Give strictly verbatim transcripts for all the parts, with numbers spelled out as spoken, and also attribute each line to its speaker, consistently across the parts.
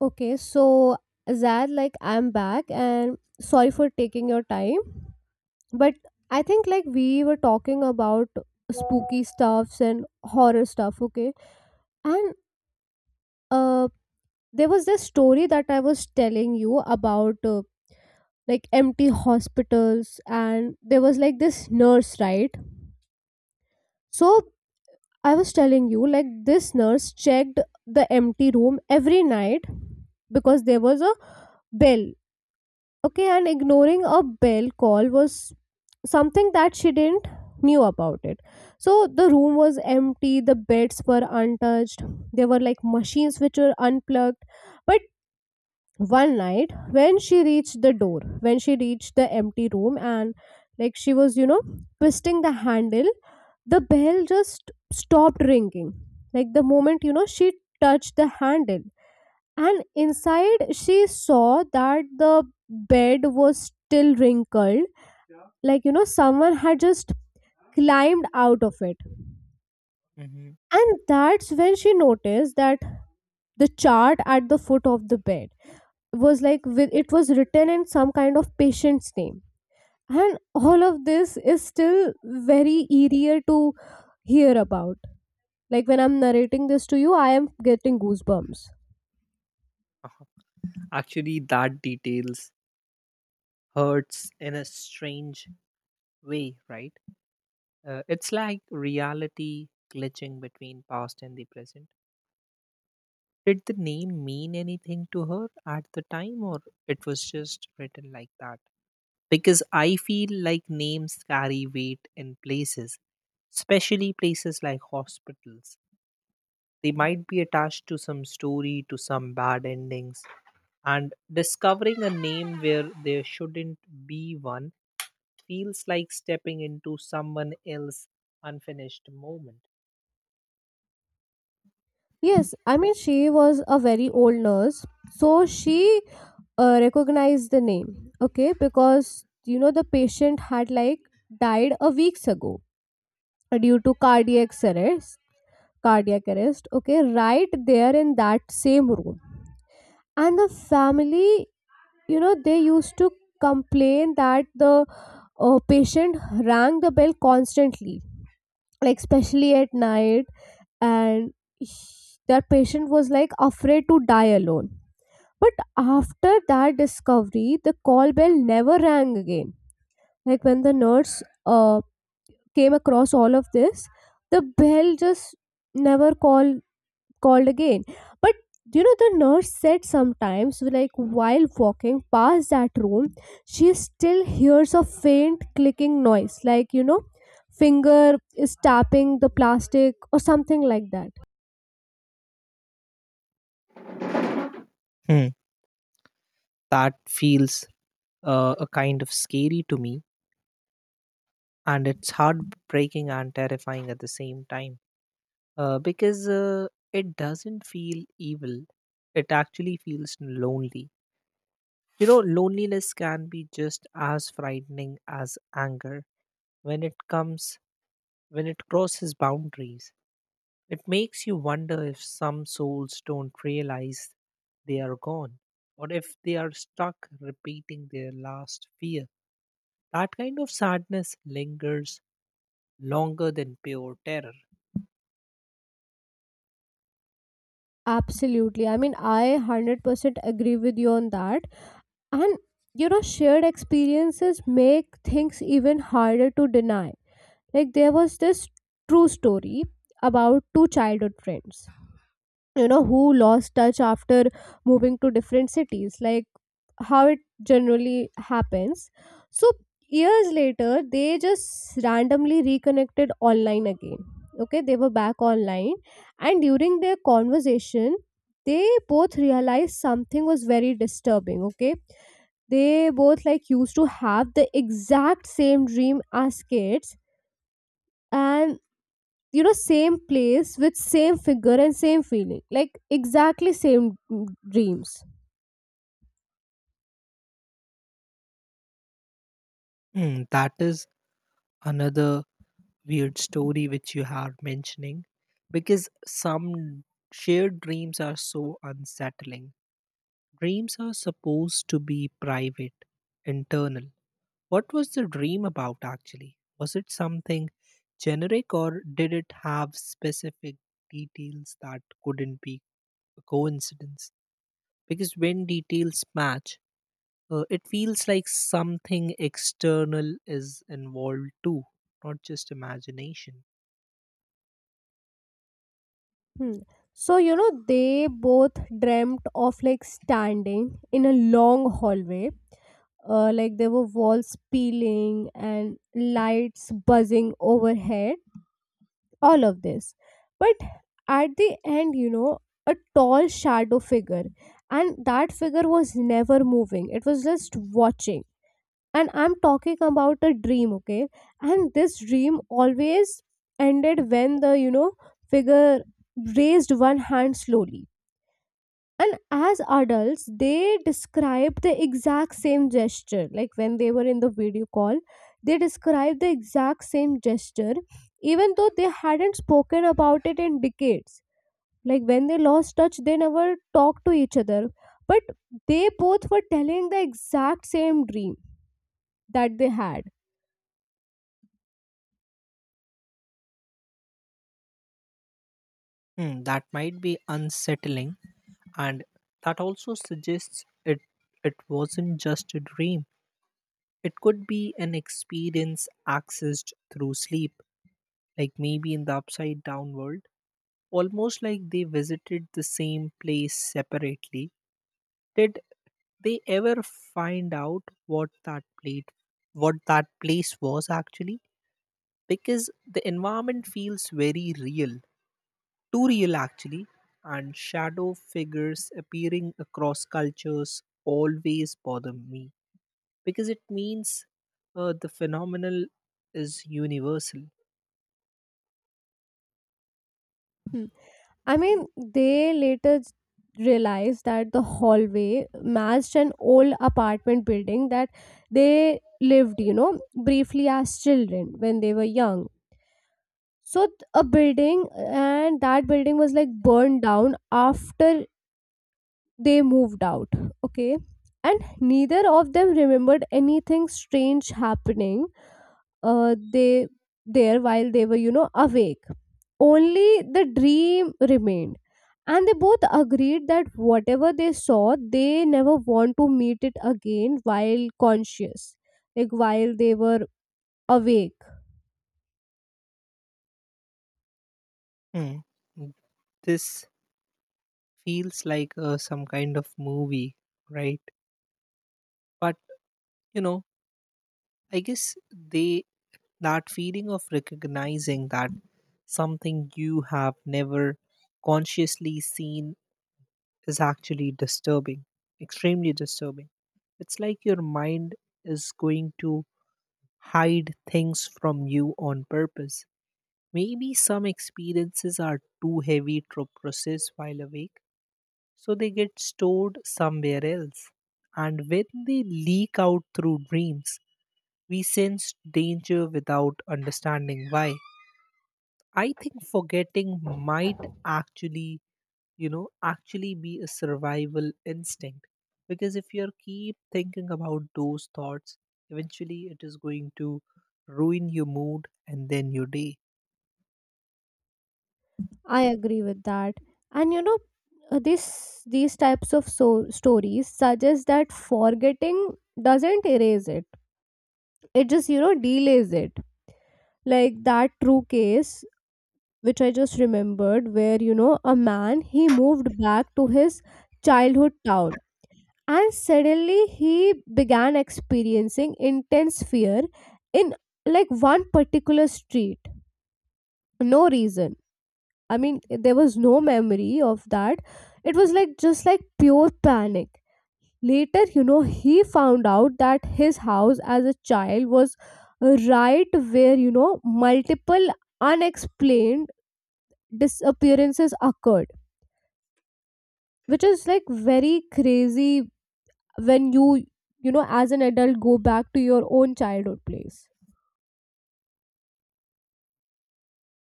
Speaker 1: Okay, so Zad, like I'm back and sorry for taking your time. But I think like we were talking about spooky stuffs and horror stuff, okay? And uh there was this story that I was telling you about uh, like empty hospitals and there was like this nurse, right? So I was telling you like this nurse checked the empty room every night because there was a bell, okay, and ignoring a bell call was something that she didn't knew about it. So the room was empty, the beds were untouched, there were like machines which were unplugged. But one night when she reached the door, when she reached the empty room, and like she was, you know, twisting the handle, the bell just stopped ringing, like the moment, you know, she touched the handle. And inside she saw that the bed was still wrinkled, like, you know, someone had just climbed out of it.
Speaker 2: Mhm.
Speaker 1: And that's when she noticed that the chart at the foot of the bed was like, with it was written in some kind of patient's name. And all of this is still very eerier to hear about. Like when I'm narrating this to you, I am getting goosebumps.
Speaker 2: Uh-huh. Actually, that details hurts in a strange way, right? Uh, it's like reality glitching between past and the present. Did the name mean anything to her at the time, or it was just written like that? Because I feel like names carry weight in places, especially places like hospitals. They might be attached to some story, to some bad endings, and discovering a name where there shouldn't be one feels like stepping into someone else's unfinished moment.
Speaker 1: Yes, I mean, she was a very old nurse. So she uh, recognized the name, okay, because you know the patient had like died a weeks ago due to cardiac arrest, cardiac arrest okay, right there in that same room. And the family, you know, they used to complain that the uh, patient rang the bell constantly, like especially at night. And that patient was like afraid to die alone, but after that discovery the call bell never rang again. Like when the nurse uh, came across all of this, the bell just never called called again. But you know, the nurse said sometimes, like while walking past that room, she still hears a faint clicking noise, like you know, finger is tapping the plastic or something like that.
Speaker 2: Hmm. That feels uh, a kind of scary to me, and it's heartbreaking and terrifying at the same time uh, because uh, it doesn't feel evil, it actually feels lonely. You know, loneliness can be just as frightening as anger when it comes when it crosses boundaries. It makes you wonder if some souls don't realize they are gone, or if they are stuck repeating their last fear. That kind of sadness lingers longer than pure terror.
Speaker 1: Absolutely. I mean, I one hundred percent agree with you on that. And you know, shared experiences make things even harder to deny. Like, there was this true story about two childhood friends, you know, who lost touch after moving to different cities, like how it generally happens. So years later they just randomly reconnected online again, okay, they were back online. And during their conversation they both realized something was very disturbing, okay. They both like used to have the exact same dream as kids. And you know, same place with same figure and same feeling, like exactly same, mm, dreams.
Speaker 2: Hmm, that is another weird story which you are mentioning, because some shared dreams are so unsettling. Dreams are supposed to be private, internal. What was the dream about actually? Was it something generic, or did it have specific details that couldn't be a coincidence? Because when details match, uh, it feels like something external is involved too, not just imagination.
Speaker 1: Hmm. So you know, they both dreamt of like standing in a long hallway, uh, like there were walls peeling and lights buzzing overhead, all of this. But at the end, you know, a tall shadow figure, and that figure was never moving, it was just watching. And I'm talking about a dream, okay. And this dream always ended when the, you know, figure raised one hand slowly. And as adults they described the exact same gesture, like when they were in the video call they described the exact same gesture, even though they hadn't spoken about it in decades. Like when they lost touch they never talked to each other, but they both were telling the exact same dream that they had.
Speaker 2: Hmm, that might be unsettling, and that also suggests it it wasn't just a dream. It could be an experience accessed through sleep, like maybe in the upside down world, almost like they visited the same place separately. Did they ever find out what that plate what that place was actually? Because the environment feels very real, too real actually, and shadow figures appearing across cultures always bother me because it means uh, the phenomenal is universal.
Speaker 1: Hmm. I mean, they later s- realized that the hallway matched an old apartment building that they lived, you know, briefly as children when they were young. So, th- a building, and that building was like burned down after they moved out. Okay. And neither of them remembered anything strange happening. Uh, they there while they were, you know, awake, only the dream remained. And they both agreed that whatever they saw, they never want to meet it again while conscious, like while they were awake.
Speaker 2: Hmm. This feels like uh, some kind of movie, right? But you know, I guess they that feeling of recognizing that something you have never consciously seen is actually disturbing, extremely disturbing. It's like your mind is going to hide things from you on purpose. Maybe some experiences are too heavy to process while awake, so they get stored somewhere else. And when they leak out through dreams, we sense danger without understanding why. I think forgetting might actually, you know, actually be a survival instinct. Because if you keep thinking about those thoughts, eventually it is going to ruin your mood and then your day.
Speaker 1: I agree with that. And you know, uh, this these types of so- stories suggest that forgetting doesn't erase it. It just, you know, delays it. Like that true case which I just remembered where, you know, a man, he moved back to his childhood town and suddenly he began experiencing intense fear in like one particular street. No reason, I mean there was no memory of that, it was like just like pure panic. Later, you know, he found out that his house as a child was right where, you know, multiple unexplained disappearances occurred, which is like very crazy, when you you know, as an adult go back to your own childhood place.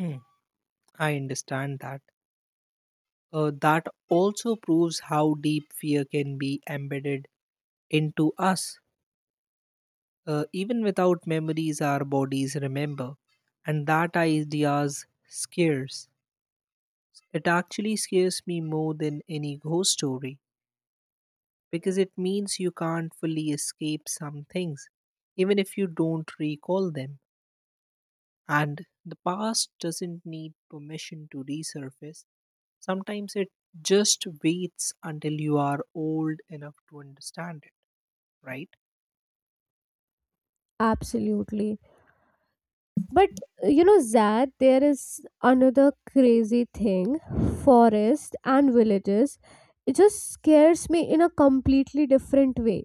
Speaker 2: Hmm, I understand that. Uh, that also proves how deep fear can be embedded into us. Uh, even without memories, our bodies remember, and that idea scares. It actually scares me more than any ghost story, because it means you can't fully escape some things, even if you don't recall them. And the past doesn't need permission to resurface. Sometimes it just waits until you are old enough to understand it, right?
Speaker 1: Absolutely. But you know Zad, there is another crazy thing. Forest and villages, it just scares me in a completely different way.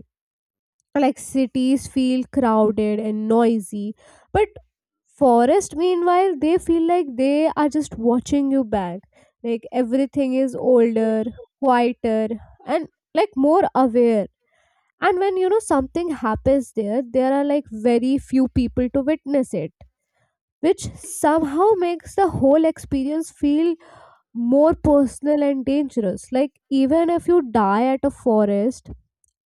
Speaker 1: Like cities feel crowded and noisy, but forest meanwhile they feel like they are just watching you back. Like everything is older, quieter, and like more aware. And when you know something happens there, there are like very few people to witness it, which somehow makes the whole experience feel more personal and dangerous. Like even if you die at a forest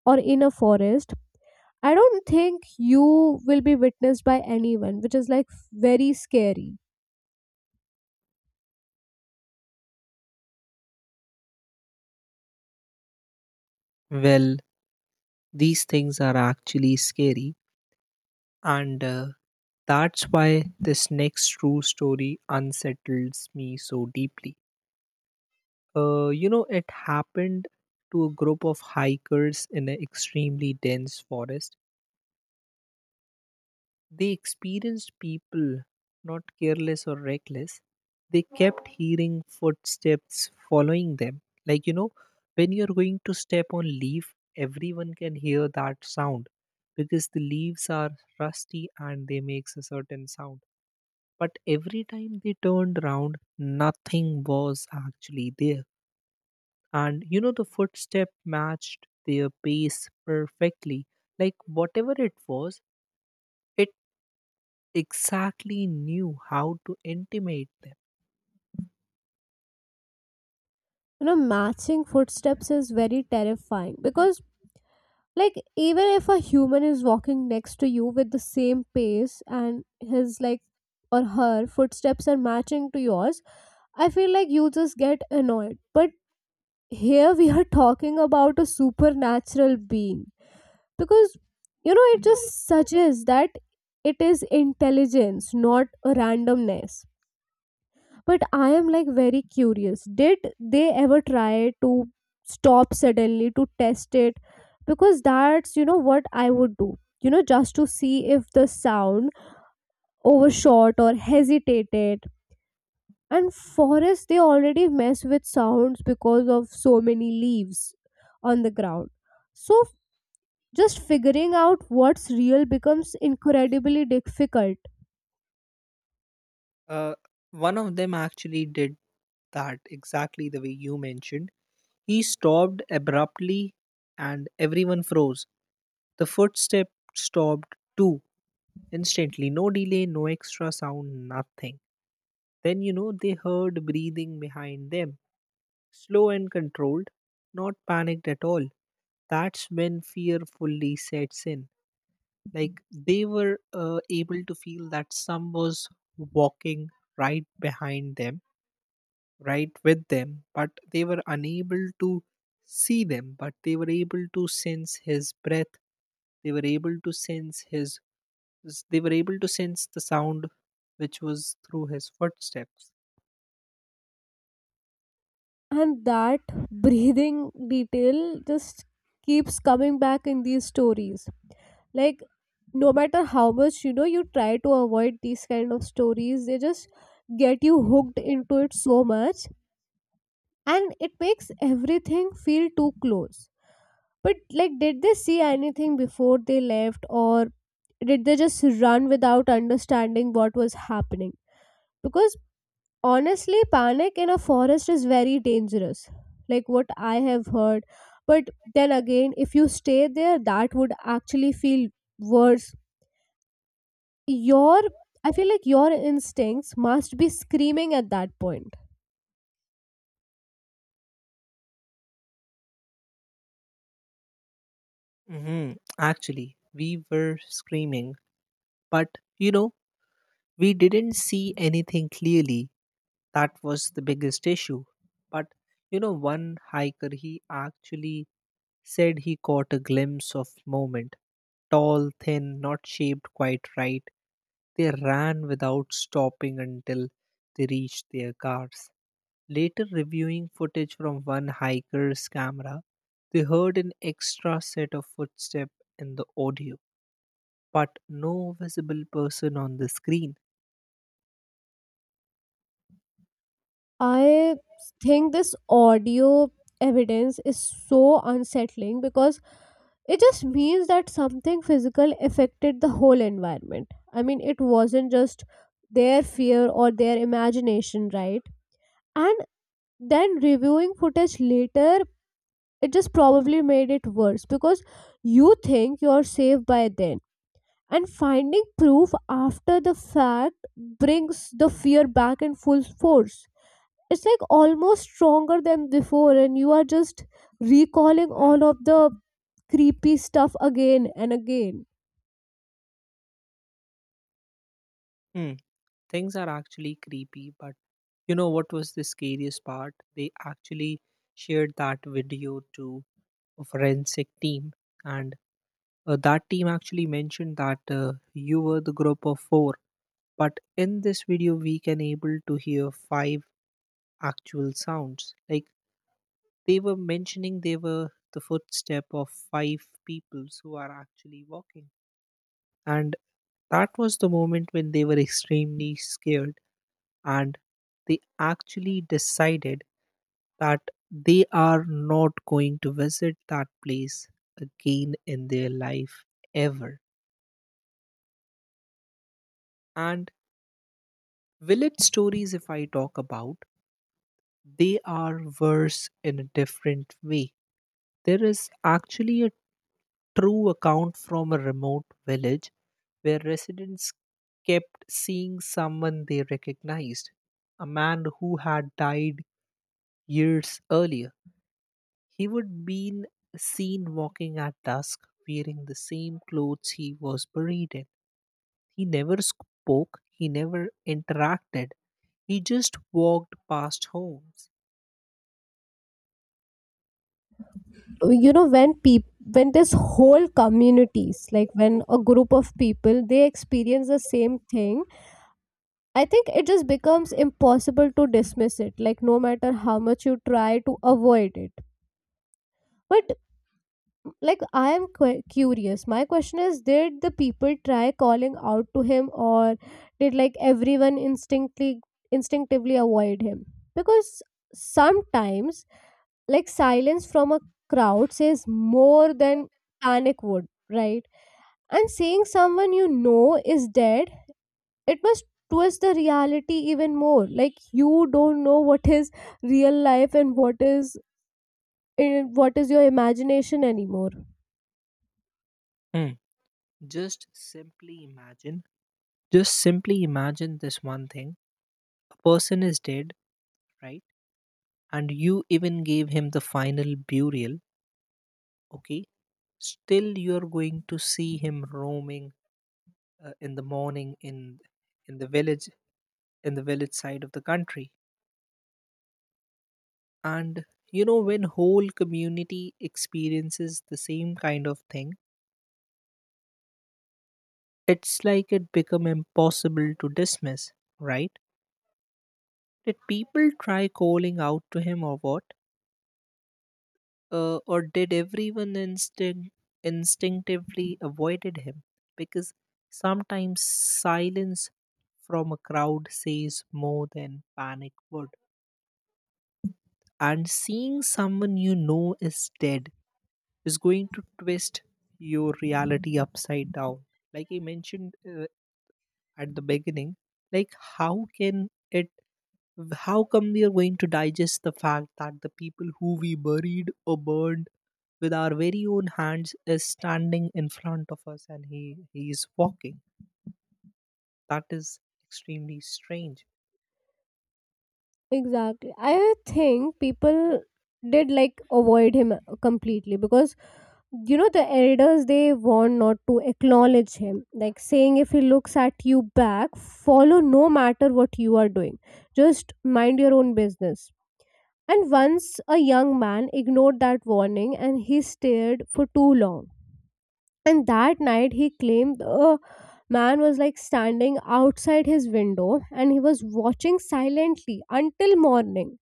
Speaker 1: or in a forest, I don't think you will be witnessed by anyone, which is like very scary.
Speaker 2: Well, these things are actually scary. And uh, that's why this next true story unsettles me so deeply. Uh, you know, it happened to a group of hikers in an extremely dense forest. They experienced people, not careless or reckless. They kept hearing footsteps following them. Like, you know, when you're going to step on leaf, everyone can hear that sound because the leaves are rusty and they makes a certain sound. But every time they turned round, nothing was actually there. And you know, the footstep matched their pace perfectly. Like whatever it was, it exactly knew how to intimate them.
Speaker 1: You know, matching footsteps is very terrifying because, like, even if a human is walking next to you with the same pace and his like, or her footsteps are matching to yours, I feel like you just get annoyed. But here we are talking about a supernatural being, because you know it just suggests that it is intelligence, not a randomness. But I am like very curious, did they ever try to stop suddenly to test it? Because that's, you know, what I would do, you know, just to see if the sound overshot or hesitated. And forests, they already mess with sounds because of so many leaves on the ground, so just figuring out what's real becomes incredibly difficult.
Speaker 2: Uh, One of them actually did that exactly the way you mentioned. He stopped abruptly and everyone froze. The footstep stopped too, instantly. No delay, no extra sound, nothing. Then, you know, they heard breathing behind them, slow and controlled, not panicked at all. That's when fear fully sets in. Like they were uh, able to feel that some was walking right behind them, right with them, but they were unable to see them, but they were able to sense his breath. They were able to sense his, they were able to sense the sound which was through his footsteps.
Speaker 1: And that breathing detail just keeps coming back in these stories. Like no matter how much, you know, you try to avoid these kind of stories, they just get you hooked into it so much, and it makes everything feel too close. But like, did they see anything before they left, or did they just run without understanding what was happening? Because honestly panic in a forest is very dangerous, like what I have heard. But then again, if you stay there that would actually feel worse. Your, I feel like your instincts must be screaming at that point.
Speaker 2: Hmm. Actually, we were screaming, but you know, we didn't see anything clearly. That was the biggest issue. But you know, one hiker he actually said he caught a glimpse of moment, tall, thin, not shaped quite right. They ran without stopping until they reached their cars. Later, reviewing footage from one hiker's camera, they heard an extra set of footsteps in the audio, but no visible person on the screen.
Speaker 1: I think this audio evidence is so unsettling because it just means that something physical affected the whole environment. I mean, it wasn't just their fear or their imagination, right? And then reviewing footage later, it just probably made it worse because you think you're safe by then, and finding proof after the fact brings the fear back in full force. It's like almost stronger than before, and you are just recalling all of the creepy stuff again and again.
Speaker 2: Hmm. Things are actually creepy, but you know what was the scariest part? They actually shared that video to a forensic team, and uh, that team actually mentioned that uh, you were the group of four. But in this video, we can able to hear five actual sounds. Like they were mentioning, they were the footstep of five peoples who are actually walking. And that was the moment when they were extremely scared, and they actually decided that they are not going to visit that place again in their life ever. And village stories, if I talk about, they are worse in a different way. There is actually a true account from a remote village where residents kept seeing someone they recognized, a man who had died years earlier. He would be seen walking at dusk wearing the same clothes he was buried in. He never spoke, he never interacted, he just walked past homes.
Speaker 1: You know, when people, when this whole communities, like when a group of people they experience the same thing, I think it just becomes impossible to dismiss it, like, no matter how much you try to avoid it. But, like, I am qu- curious. My question is, did the people try calling out to him, or did, like, everyone instinctively, instinctively avoid him? Because sometimes, like, silence from a crowd says more than panic would, right? And seeing someone you know is dead, it must twist the reality even more, like you don't know what is real life and what is, eh, what is your imagination anymore.
Speaker 2: Hmm. Just simply imagine, just simply imagine this one thing. A person is dead, right? And you even gave him the final burial, okay? Still you're going to see him roaming, uh, in the morning, in in the village, in the village side of the country. And you know, when whole community experiences the same kind of thing, it's like it become impossible to dismiss, right? Did people try calling out to him, or what? Uh, or did everyone instinct, instinctively avoided him? Because sometimes silence from a crowd says more than panic would. And seeing someone you know is dead is going to twist your reality upside down. Like I mentioned uh, at the beginning, like how can it how come we are going to digest the fact that the people who we buried or burned with our very own hands is standing in front of us, and he he is walking. That is extremely strange.
Speaker 1: Exactly. I think people did like avoid him uh, completely, because you know the elders, they want not to acknowledge him, like saying if he looks at you back, follow, no matter what you are doing, just mind your own business. And once a young man ignored that warning and he stared for too long. And that night, he claimed a man was like standing outside his window and he was watching silently until morning.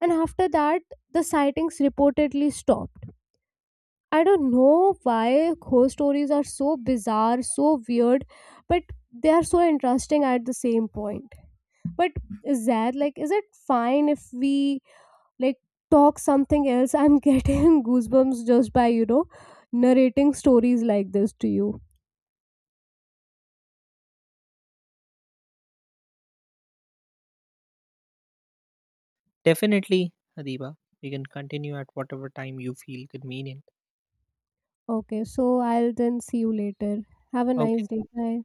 Speaker 1: And after that, the sightings reportedly stopped. I don't know why ghost stories are so bizarre, so weird, but they are so interesting at the same point. But is that like, is it fine if we like talk something else? I'm getting goosebumps just by, you know, narrating stories like this to you.
Speaker 2: Definitely, hadiba, you can continue at whatever time you feel convenient.
Speaker 1: Okay, so I'll then see you later. Have a nice
Speaker 2: Okay.
Speaker 1: day. Bye.